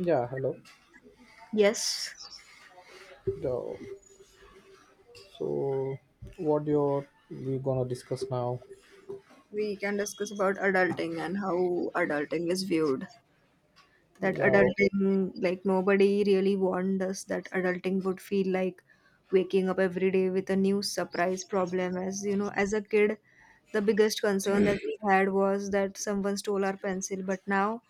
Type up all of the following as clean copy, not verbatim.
Yeah, hello. Yes. The- So, what you're we gonna discuss now? We can discuss about adulting and how adulting is viewed. That Yes. Yeah, o- Adulting, like, nobody really warned us that adulting would feel like waking up every day with a new surprise problem. As you know As a kid the biggest concern that we had was that someone stole our pencil, but now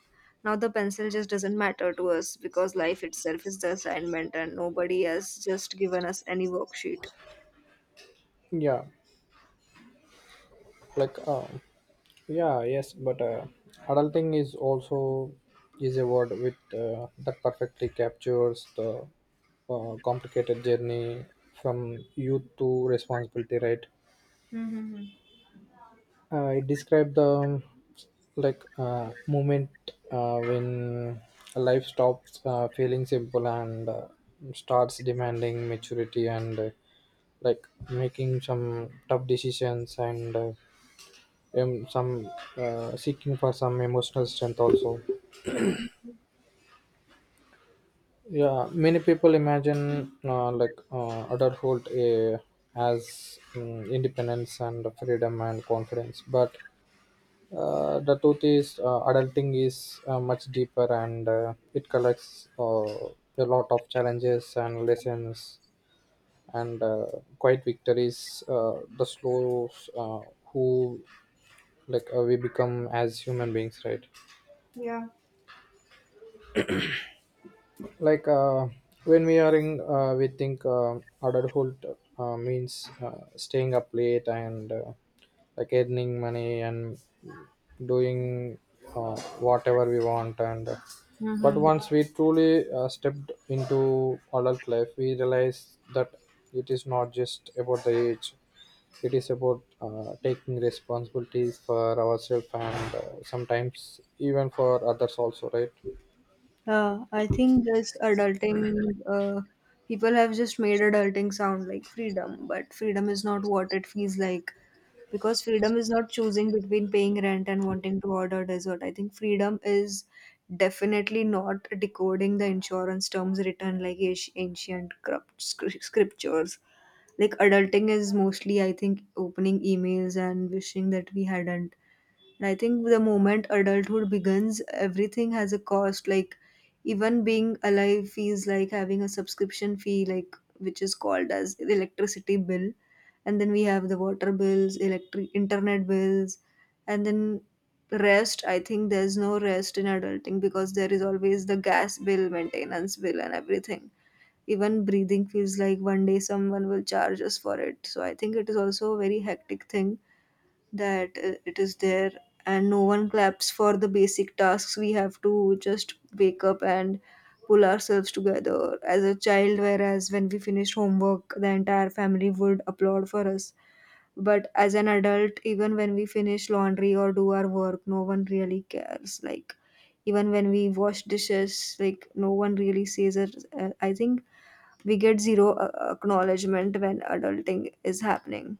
now the pencil just doesn't matter to us because life itself is the assignment and nobody has just given us any worksheet. yeah, like yeah, yes, but Adulting is also is a word with that perfectly captures the complicated journey from youth to responsibility, right? Mm-hmm. It described the moment when life stops feeling simple and starts demanding maturity and, making some tough decisions and some seeking for some emotional strength also. Mhm. Yeah, many people imagine adulthood as independence and freedom and confidence, but the truth is, adulting is much deeper and it collects a lot of challenges and lessons and quite victories. The slows who we become as human beings, right? Yeah. like uh, when we are in, we think adulthood means staying up late and, earning money and doing whatever we want and but Mhm. once we truly stepped into adult life, we realize that it is not just about the age, it is about taking responsibilities for ourselves and, sometimes, even for others also, right? I think this adulting, uh, people have just made adulting sound like freedom, but freedom is not what it feels like because freedom is not choosing between paying rent and wanting to order dessert. I think freedom is definitely not decoding the insurance terms written like ancient scriptures. Like adulting is mostly, I think, opening emails and wishing that we hadn't. And I think the moment adulthood begins, everything has a cost. Like even being alive feels like having a subscription fee, like which is called as electricity bill. And then we have the water bills, electric internet bills, and then rest. I think there's no rest in adulting because there is always the gas bill, maintenance bill, and everything. Even breathing feels like one day someone will charge us for it. So I think it is also a very hectic thing that it is there and no one claps for the basic tasks. We have to just wake up and pull ourselves together as a child, whereas when we finished homework the entire family would applaud for us, but as an adult, even when we finish laundry or do our work, no one really cares, like even when we wash dishes, like no one really says it. I think we get zero acknowledgement when adulting is happening.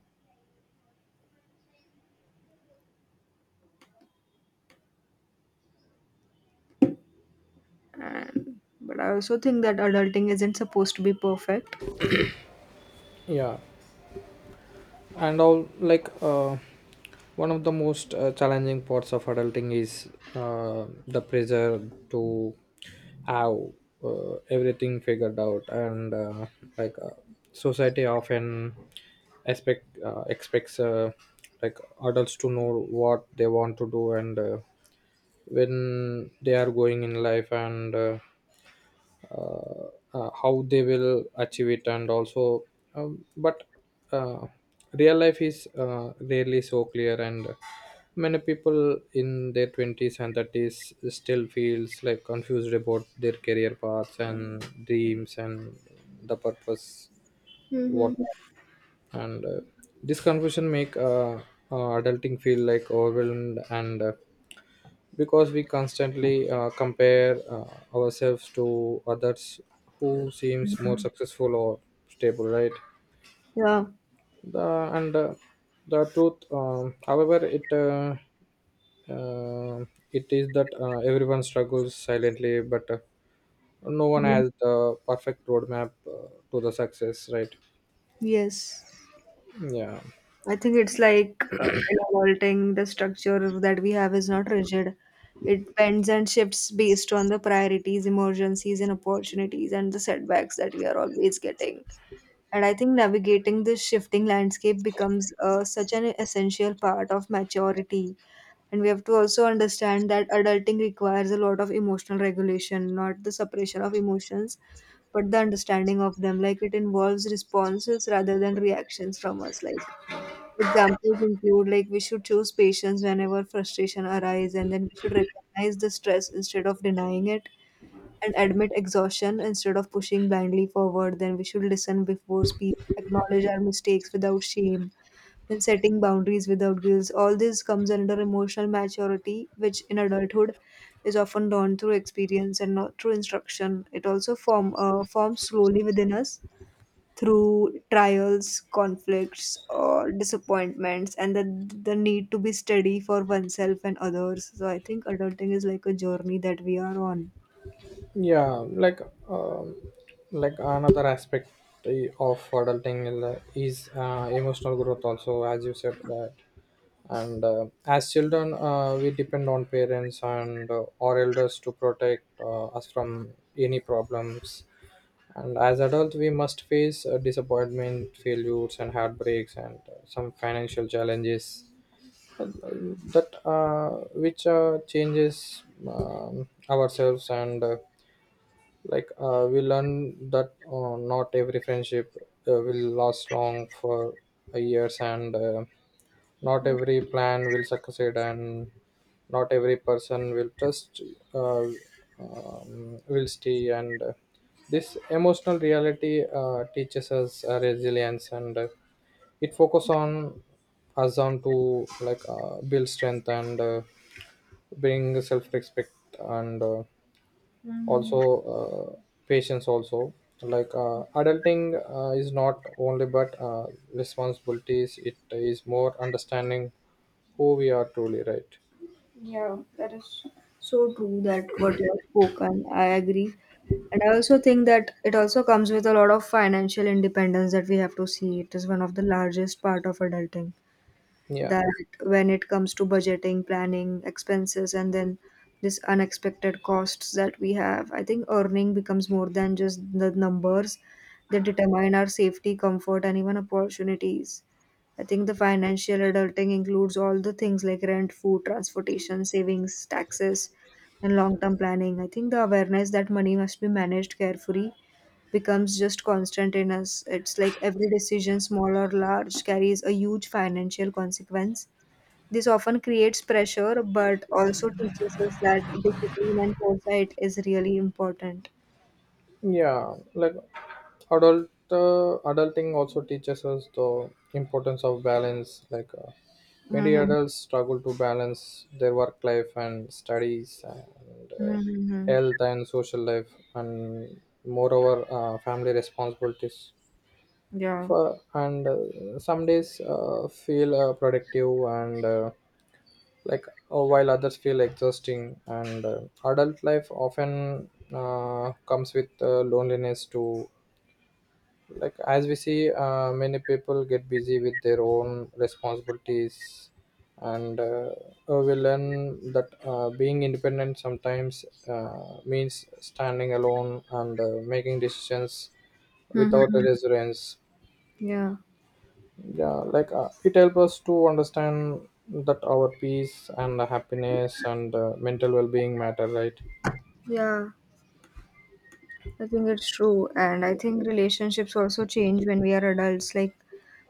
And but I also think that adulting isn't supposed to be perfect. yeah and all like One of the most challenging parts of adulting is the pressure to have everything figured out, and like uh, society often expects like adults to know what they want to do and when they are going in life and uh, how they will achieve it. And also but uh, Real life is rarely so clear, and many people in their 20s and 30s still feels like confused about their career paths and dreams and the purpose. What Mm-hmm. and This confusion make adulting feel like overwhelmed, and because we constantly compare ourselves to others who seems more successful or stable, right? Yeah. The and uh, the truth, however uh, it is that everyone struggles silently, but no one Mm. has the perfect roadmap to the success, right? Yes. yeah I think it's like in adulting, the structure that we have is not rigid. It bends and shifts based on the priorities, emergencies, and opportunities, and the setbacks that we are always getting. And I think navigating this shifting landscape becomes such an essential part of maturity. And we have to also understand that adulting requires a lot of emotional regulation, not the suppression of emotions, but the understanding of them. Like it involves responses rather than reactions from us. Like examples include, like, we should choose patience whenever frustration arises, and then we should recognize the stress instead of denying it, and admit exhaustion instead of pushing blindly forward. Then we should listen before speaking, acknowledge our mistakes without shame, then setting boundaries without guilt. All this comes under emotional maturity, which in adulthood is often learned through experience and not through instruction. It also forms slowly within us through trials, conflicts, or disappointments, and the need to be steady for oneself and others. So I think adulting is like a journey that we are on. yeah like um, like another aspect of adulting is emotional growth also, as you said. That and As children, we depend on parents and our elders to protect us from any problems, and as adults we must face disappointment, failures and heartbreaks, and some financial challenges that which changes ourselves. And like We learn that not every friendship will last long for years, and not every plan will succeed, and not every person will stay. And This emotional reality teaches us resilience, and it focus on us on to like build strength and bring self-respect, and Mhm. also, uh, patience also. Adulting is not only but responsibilities, it is more understanding who we are truly, right? Yeah, that is so true, that what you have spoken. I agree. And I also think that it also comes with a lot of financial independence that we have to see. It is one of the largest part of adulting, yeah that when it comes to budgeting, planning, expenses, and then this unexpected costs that we have, I think earning becomes more than just the numbers that determine our safety, comfort, and even opportunities. I think the financial adulting includes all the things like rent, food, transportation, savings, taxes, and long term planning. I think the awareness that money must be managed carefully becomes just constant in us. It's like every decision, small or large, carries a huge financial consequence. This often creates pressure, but also teaches us that discipline and foresight is really important. yeah like Adulting also teaches us the importance of balance. Many Mm-hmm. adults struggle to balance their work life and studies and Mm-hmm. health and social life, and moreover family responsibilities. Yeah. For and Some days feel productive and like while others feel exhausting, and adult life often comes with loneliness too. As we see, many people get busy with their own responsibilities, and we learn that being independent sometimes means standing alone and making decisions without a Mm-hmm. reference. Yeah. Yeah, it helps us to understand that our peace and happiness and mental well-being matter, right? Yeah, I think it's true. And I think relationships also change when we are adults. Like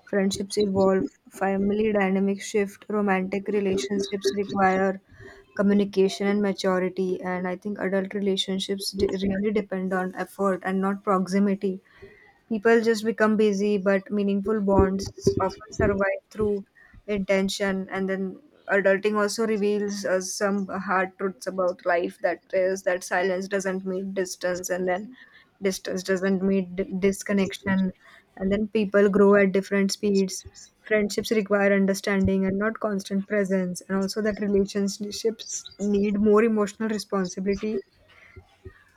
friendships evolve, family dynamics shift, romantic relationships require communication and maturity. And I think adult relationships really depend on effort and not proximity. People just become busy, but meaningful bonds often survive through intention. And then adulting also reveals us some hard truths about life, that is, that silence doesn't mean distance, and then distance doesn't mean disconnection. And then people grow at different speeds. Friendships require understanding and not constant presence, and also that relationships need more emotional responsibility,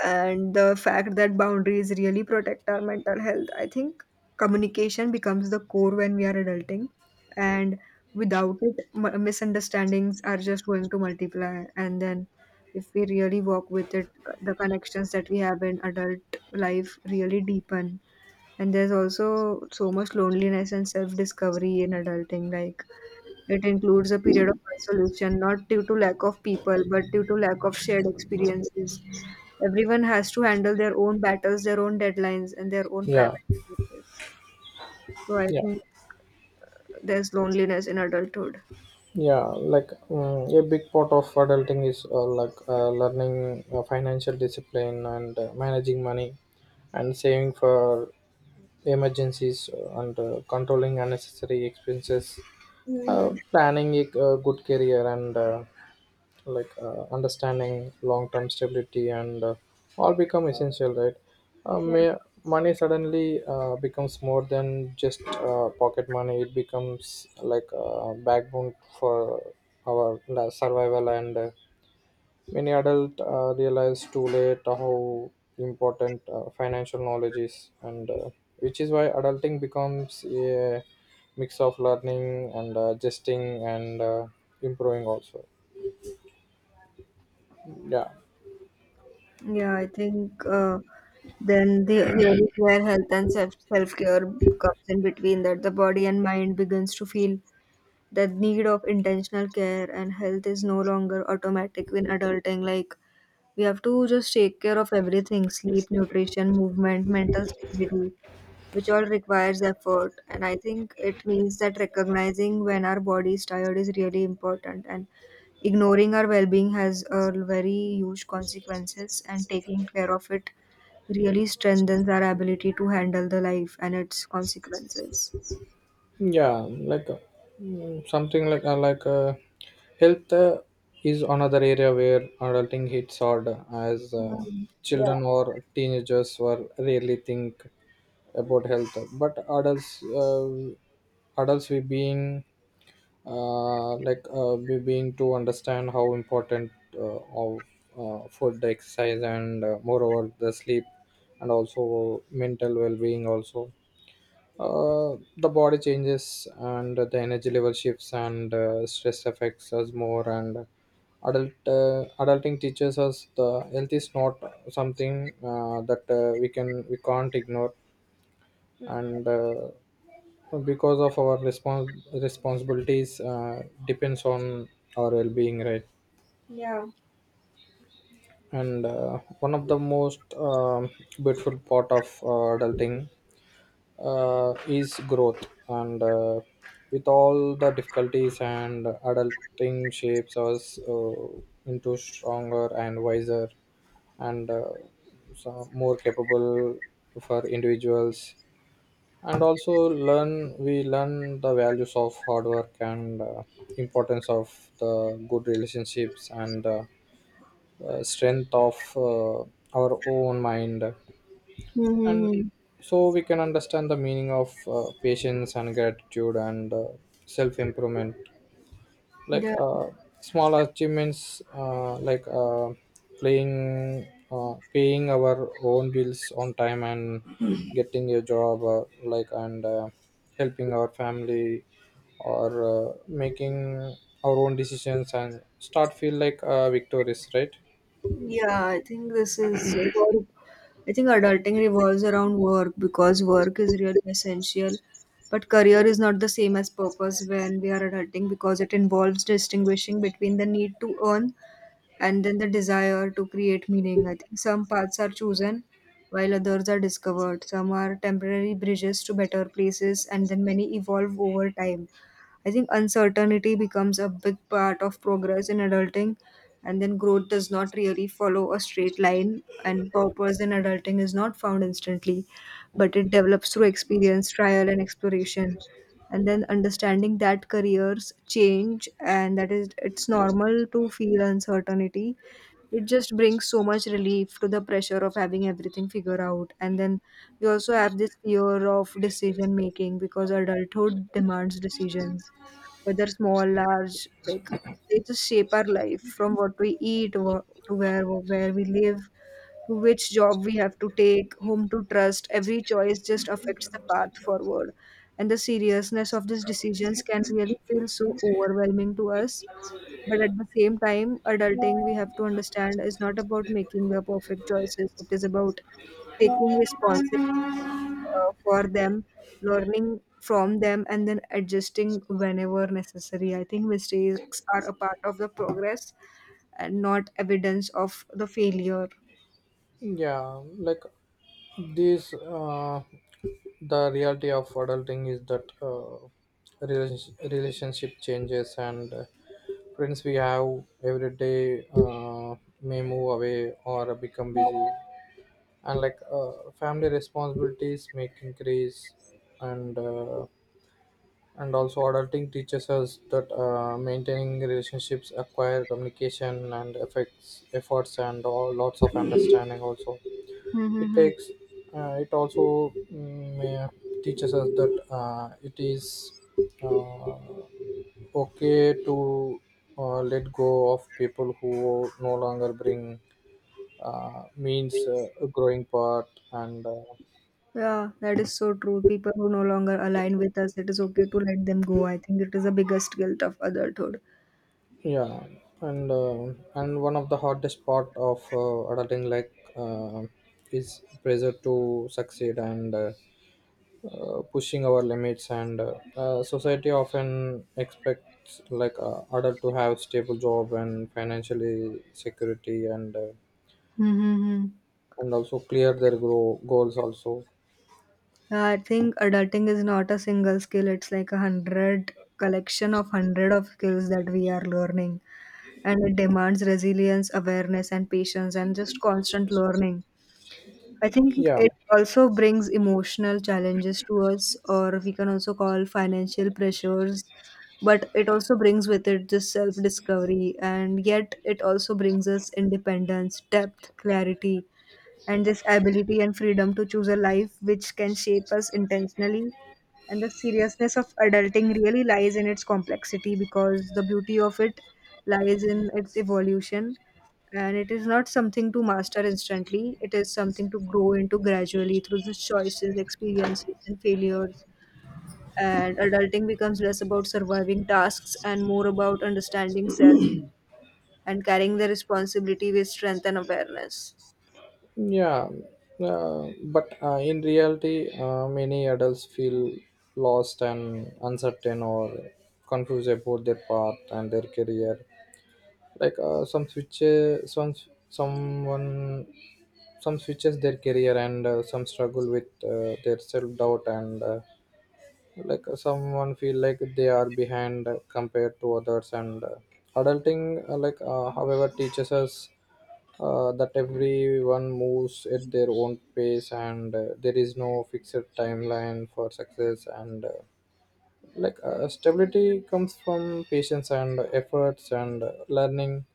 and the fact that boundaries really protect our mental health. I think communication becomes the core when we are adulting, and without it, misunderstandings are just going to multiply. And then, if we really work with it, the connections that we have in adult life really deepen. And there's also so much loneliness and self discovery in adulting, like it includes a period of isolation, not due to lack of people, but due to lack of shared experiences. Everyone has to handle their own battles, their own deadlines, and their own yeah private spaces. So I yeah think there's loneliness in adulthood. A big part of adulting is learning financial discipline and managing money and saving for emergencies, and controlling unnecessary expenses, Hmm. planning a good career, and understanding long-term stability, and all become essential, right? uh, Yeah. may, Money suddenly becomes more than just pocket money, it becomes like a backbone for our survival. And Many adults realize too late how important financial knowledge is, and which is why adulting becomes a mix of learning and adjusting and improving also. Yeah, Yeah, I think then the, here is where health and self care comes in between, that the body and mind begins to feel the need of intentional care, and health is no longer automatic in adulting. Like we have to just take care of everything: sleep, nutrition, movement, mental stability, which all requires effort. And I think it means that recognizing when our body is tired is really important. And ignoring our well being has a very huge consequences, and taking care of it really strengthens our ability to handle the life and its consequences. yeah, like something like Health is another area where adulting hits hard, as Mhm. Yeah. children or teenagers were rarely think about health, but adults. Adults, we being being to understand how important of food, the exercise, and moreover the sleep and also mental well-being also. The body changes and the energy level shifts, and stress affects us more, and adulting teaches us the health is not something that we can we can't ignore, Mm-hmm. and because of our responsibilities depends on our well-being, right? Yeah. and One of the most beautiful part of adulting is growth, and with all the difficulties, and adulting shapes us into stronger and wiser and so more capable for individuals, and also learn we learn the values of hard work and importance of the good relationships, and strength of our own mind, and Mm-hmm. so we can understand the meaning of patience and gratitude and self improvement. like Yeah. uh, Small achievements, like playing paying our own bills on time and getting a job, like and helping our family or making our own decisions, and start feel like victorious, right? Yeah, I think this is work. I think adulting revolves around work because work is really essential. But career is not the same as purpose when we are adulting, because it involves distinguishing between the need to earn and then the desire to create meaning. I think some paths are chosen while others are discovered. Some are temporary bridges to better places, and then many evolve over time. I think uncertainty becomes a big part of progress in adulting, and then growth does not really follow a straight line, and purpose in adulting is not found instantly, but it develops through experience, trial, and exploration, and then understanding that careers change and that is it's normal to feel uncertainty. It just brings so much relief to the pressure of having everything figured out. And then we also have this fear of decision making, because adulthood demands decisions, whether small, large, like they just shape our life, from what we eat, to where we live, which job we have to take, whom to trust. Every choice just affects the path forward. And the seriousness of these decisions can really feel so overwhelming to us. But at the same time, adulting, we have to understand, is not about making the perfect choices. It is about taking responsibility for them, learning from them, and then adjusting whenever necessary. I think mistakes are a part of the progress and not evidence of the failure. yeah like this the reality of adulting is that relationship changes, and friends we have every day may move away or become busy, and family responsibilities make increase, and uh, and also adulting teaches us that maintaining relationships acquire communication and effects efforts and all lots of understanding also. It Mm-hmm. takes, uh, it also mm, uh, teaches us that it is uh, okay to let go of people who no longer bring means a growing part. and uh, Yeah, that is so true. People who no longer align with us, it is okay to let them go. I think it is the biggest guilt of adulthood. yeah and uh, and one of the hardest part of adulting, is pressure to succeed and pushing our limits, and society often expects adult to have stable job and financially security, and Mm-hmm. and also clear their grow goals also. I think adulting is not a single skill, it's like a hundred, collection of hundred of skills that we are learning. And it demands resilience, awareness, and patience, and just constant learning. I think Yeah it also brings emotional challenges to us, or we can also call financial pressures. But it also brings with it this self discovery, and yet it also brings us independence, depth, clarity, and this ability and freedom to choose a life which can shape us intentionally. And the seriousness of adulting really lies in its complexity, because the beauty of it lies in its evolution, and it is not something to master instantly, it is something to grow into gradually through the choices, experiences, and failures. And adulting becomes less about surviving tasks and more about understanding self and carrying the responsibility with strength and awareness. Yeah, but In reality, many adults feel lost and uncertain or confused about their path and their career. Like uh, some switches, some someone, some switches their career, and some struggle with their self doubt, and someone feel like they are behind compared to others. And uh, adulting uh, like uh, however, teaches us that everyone moves at their own pace, and there is no fixed timeline for success, and stability comes from patience and efforts and learning,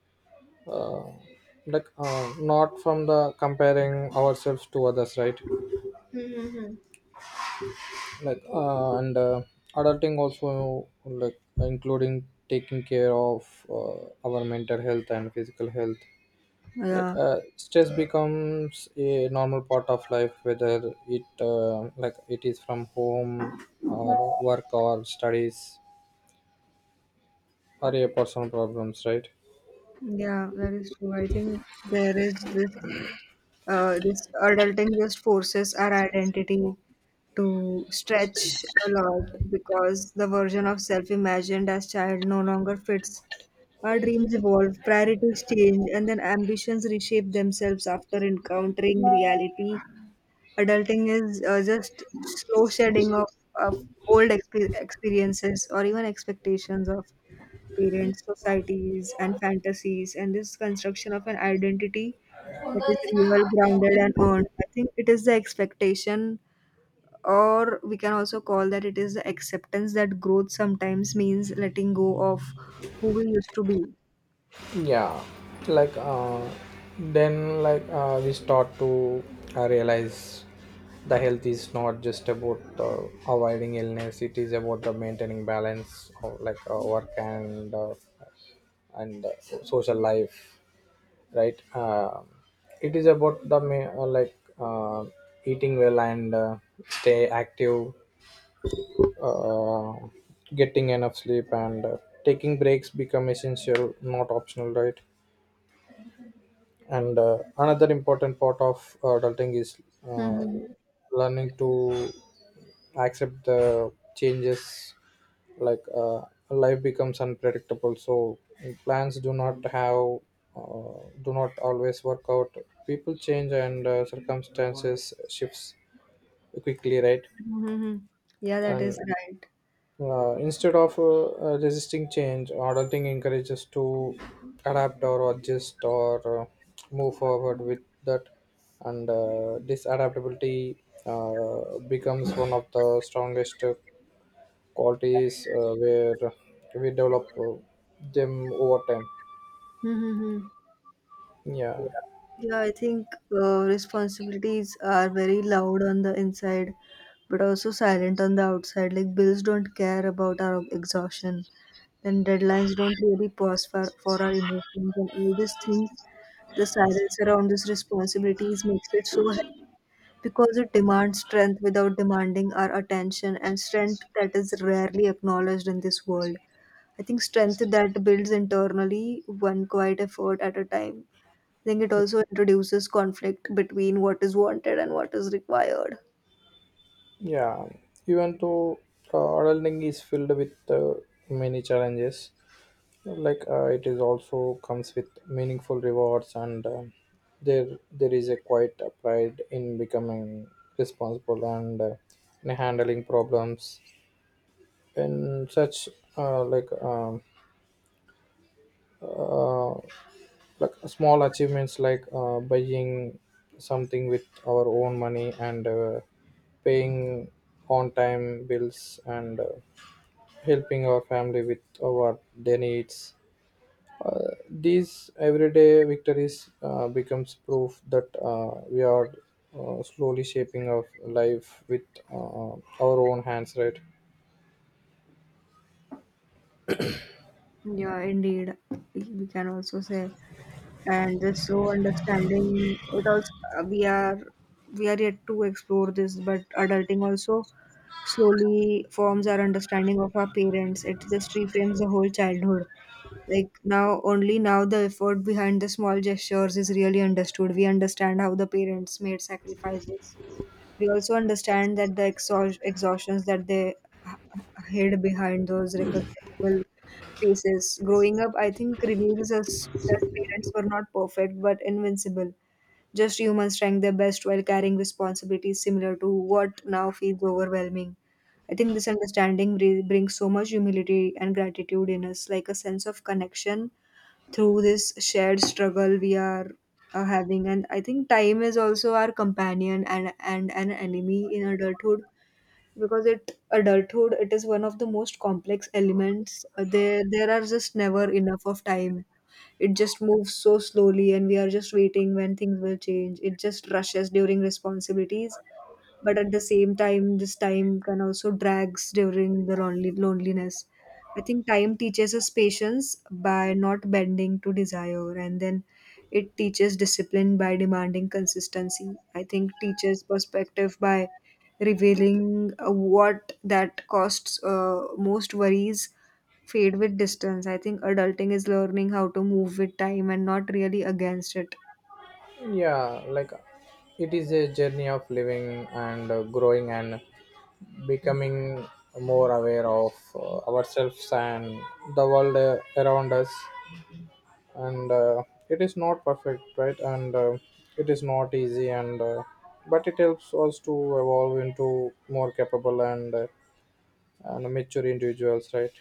uh, not from the comparing ourselves to others, right? Mm-hmm. like and Adulting also including taking care of our mental health and physical health. Yeah, Stress becomes a normal part of life, whether it is from home or work or studies or your personal problems, right? yeah, that is true. I think there is this. This adulting just forces our identity to stretch a lot, because the version of self imagined as child no longer fits. Our dreams evolve, priorities change, and then ambitions reshape themselves after encountering reality. Adulting is just slow shedding of old experiences or even expectations of parents, societies, and fantasies, and this construction of an identity that is real, grounded, and earned. I think it is the expectation, or we can also call that it is the acceptance that growth sometimes means letting go of who we used to be. yeah like then like We start to realize the health is not just about avoiding illness, it is about the maintaining balance of work and social life, right? It is about the ma- like eating well and stay active, uh, getting enough sleep and taking breaks become essential, not optional, right? and Another important part of adulting is uh, Mm-hmm. learning to accept the changes. like uh, Life becomes unpredictable, so plans do not have, do not always work out, people change, and circumstances shifts quickly, right? Yeah, that is and right. Instead of resisting change, adulting encourages to adapt or adjust or move forward with that, and this adaptability becomes one of the strongest qualities where we develop them over time. Mm-hmm. Yeah, Yeah, I think responsibilities are very loud on the inside, but also silent on the outside. Like bills don't care about our exhaustion, then deadlines don't really pause for our emotions, and all these things. The silence around these responsibilities makes it so heavy because it demands strength without demanding our attention, and strength that is rarely acknowledged in this world. I think strength that builds internally, one quiet effort at a time, I think it also introduces conflict between what is wanted and what is required. yeah. Even though adulting is filled with many challenges, it is also comes with meaningful rewards, and there is a quite a pride in becoming responsible and in handling problems in such, uh, like um, uh, small achievements like buying something with our own money, and paying on time bills, and helping our family with our their needs. These everyday victories becomes proof that we are slowly shaping our life with uh, our own hands, right? Yeah, indeed. We can also say, and this slow understanding, it also uh, we are we are yet to explore this, but adulting also slowly forms our understanding of our parents. It just reframes the whole childhood. Like now, only now the effort behind the small gestures is really understood. We understand how the parents made sacrifices. We also understand that the exhaustions that they hid behind those recognizable faces growing up, I think, reveals us that parents were not perfect but invincible, just humans trying their best while carrying responsibilities similar to what now feels overwhelming. I think this understanding brings so much humility and gratitude in us, like a sense of connection through this shared struggle we are having. And I think time is also our companion and an enemy in adulthood, because it is one of the most complex elements. There are just never enough of time. It just moves so slowly and we are just waiting when things will change. It just rushes during responsibilities, but at the same time this time can also drags during the lonely loneliness. I think time teaches us patience by not bending to desire, and then it teaches discipline by demanding consistency. I think teaches perspective by revealing what that costs. Most worries fade with distance. I think adulting is learning how to move with time and not really against it. yeah like it is a journey of living and growing and becoming more aware of ourselves and the world around us, and it is not perfect, right? And it is not easy, and but it helps us to evolve into more capable and mature individuals, right?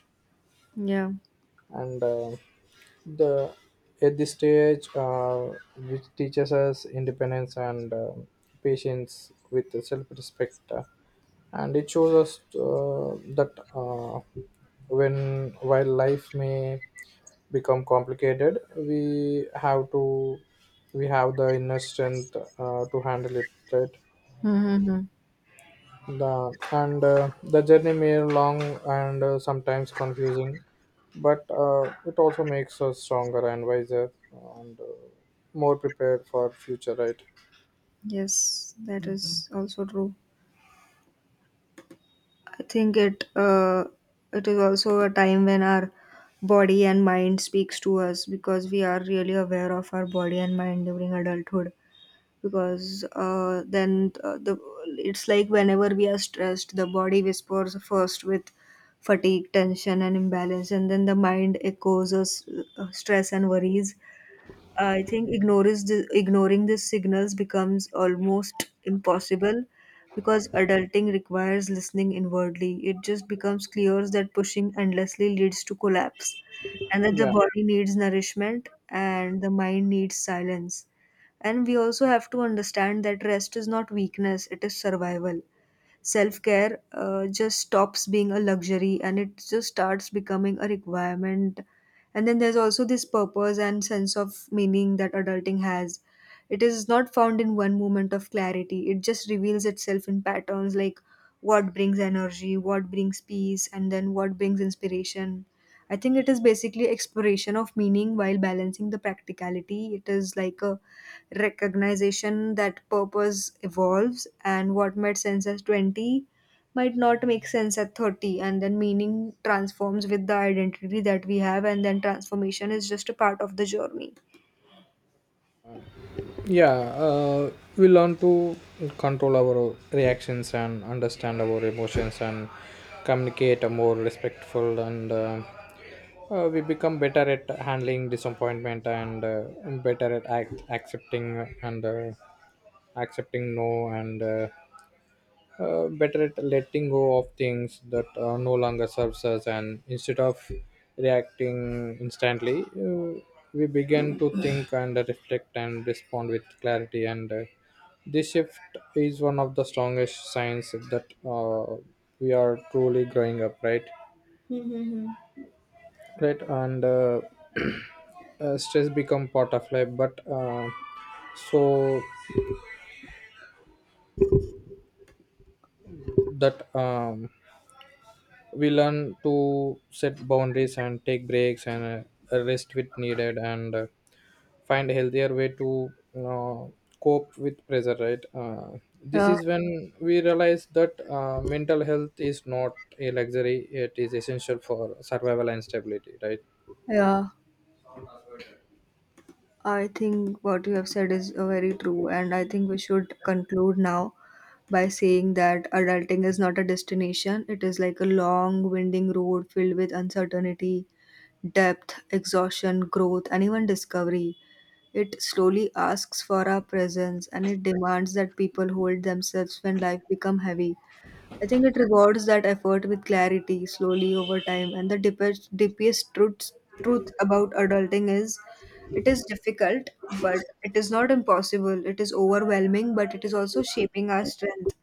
Yeah. and the At this stage, which teaches us independence and patience with self-respect, and it shows us that, when while life may become complicated, we have the inner strength to handle it, right? Mm-hmm. The journey may long, and sometimes confusing, but it also makes us stronger and wiser, and more prepared for future, right? Yes, that is also true. I think it it is also a time when our body and mind speaks to us, because we are really aware of our body and mind during adulthood. Because then the it's like whenever we are stressed, the body whispers first with fatigue, tension and imbalance, and then the mind echoes us stress and worries. I think ignoring these signals becomes almost impossible because adulting requires listening inwardly. It just becomes clear that pushing endlessly leads to collapse and that the Yeah, body needs nourishment and the mind needs silence. And we also have to understand that rest is not weakness, it is survival. Self care just stops being a luxury and it just starts becoming a requirement. And then there's also this purpose and sense of meaning that adulting has. It is not found in one moment of clarity, it just reveals itself in patterns, like what brings energy, what brings peace, and then what brings inspiration. I think it is basically exploration of meaning while balancing the practicality. It is like a recognition that purpose evolves, and what made sense at 20 might not make sense at 30, and then meaning transforms with the identity that we have, and then transformation is just a part of the journey. Yeah, uh, we learn to control our reactions and understand our emotions and communicate a more respectful, and we become better at handling disappointment, and better at accepting, and accepting no, and better at letting go of things that no longer serves us. And instead of reacting instantly, we begin to think and reflect and respond with clarity, and this shift is one of the strongest signs that we are truly growing up, right? Mm-hmm. right and Stress become part of life, but so that we learn to set boundaries and take breaks, and rest with needed, and find a healthier way to uh, cope with pressure, right? This Yeah, is when we realize that mental health is not a luxury, it is essential for survival and stability, right? yeah, I think what you have said is very true, and I think we should conclude now by saying that adulting is not a destination, it is like a long winding road filled with uncertainty, depth, exhaustion, growth and even discovery. It slowly asks for our presence and it demands that people hold themselves when life become heavy. I think it rewards that effort with clarity slowly over time. And the deepest, deepest truth about adulting is it is difficult, but it is not impossible. It is overwhelming, but it is also shaping our strength.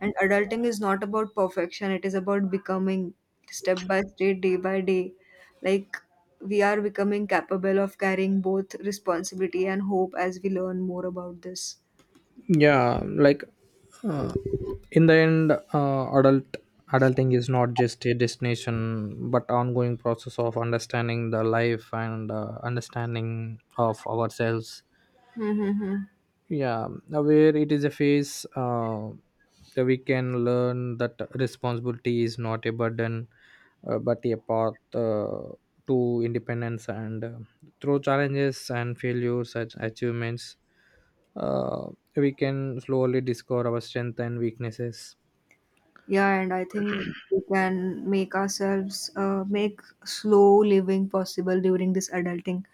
And adulting is not about perfection, it is about becoming step by step, day by day. Like we are becoming capable of carrying both responsibility and hope as we learn more about this. yeah like uh, in the end, adulting is not just a destination but ongoing process of understanding the life and understanding of ourselves. Mm-hmm. yeah where it is a phase that we can learn that responsibility is not a burden, but a path to independence, and through challenges and failures and achievements, uh, we can slowly discover our strength and weaknesses. Yeah, and I think we can make ourselves make slow living possible during this adulting,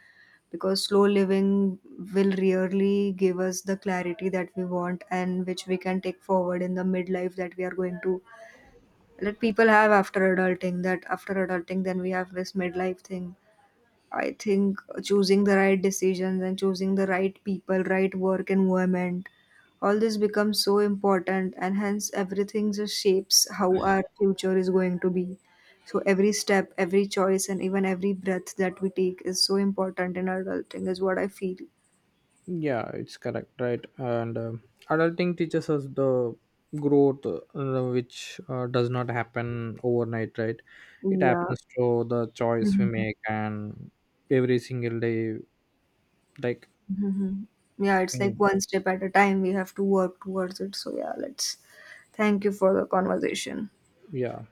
because slow living will really give us the clarity that we want and which we can take forward in the midlife that we are going to, that people have after adulting. That after adulting then we have this midlife thing. I think choosing the right decisions and choosing the right people, right work environment, all this becomes so important, and hence everything just shapes how our future is going to be. So every step, every choice and even every breath that we take is so important in adulting, is what I feel. Yeah it's correct, right? and Adulting teaches us the growth, which does not happen overnight, right? It Yeah. happens through the choice we Mhm. make and every single day. like Mhm. Yeah, it's like mm, one step at a time. We have to work towards it. So, yeah, let's thank you for the conversation. yeah.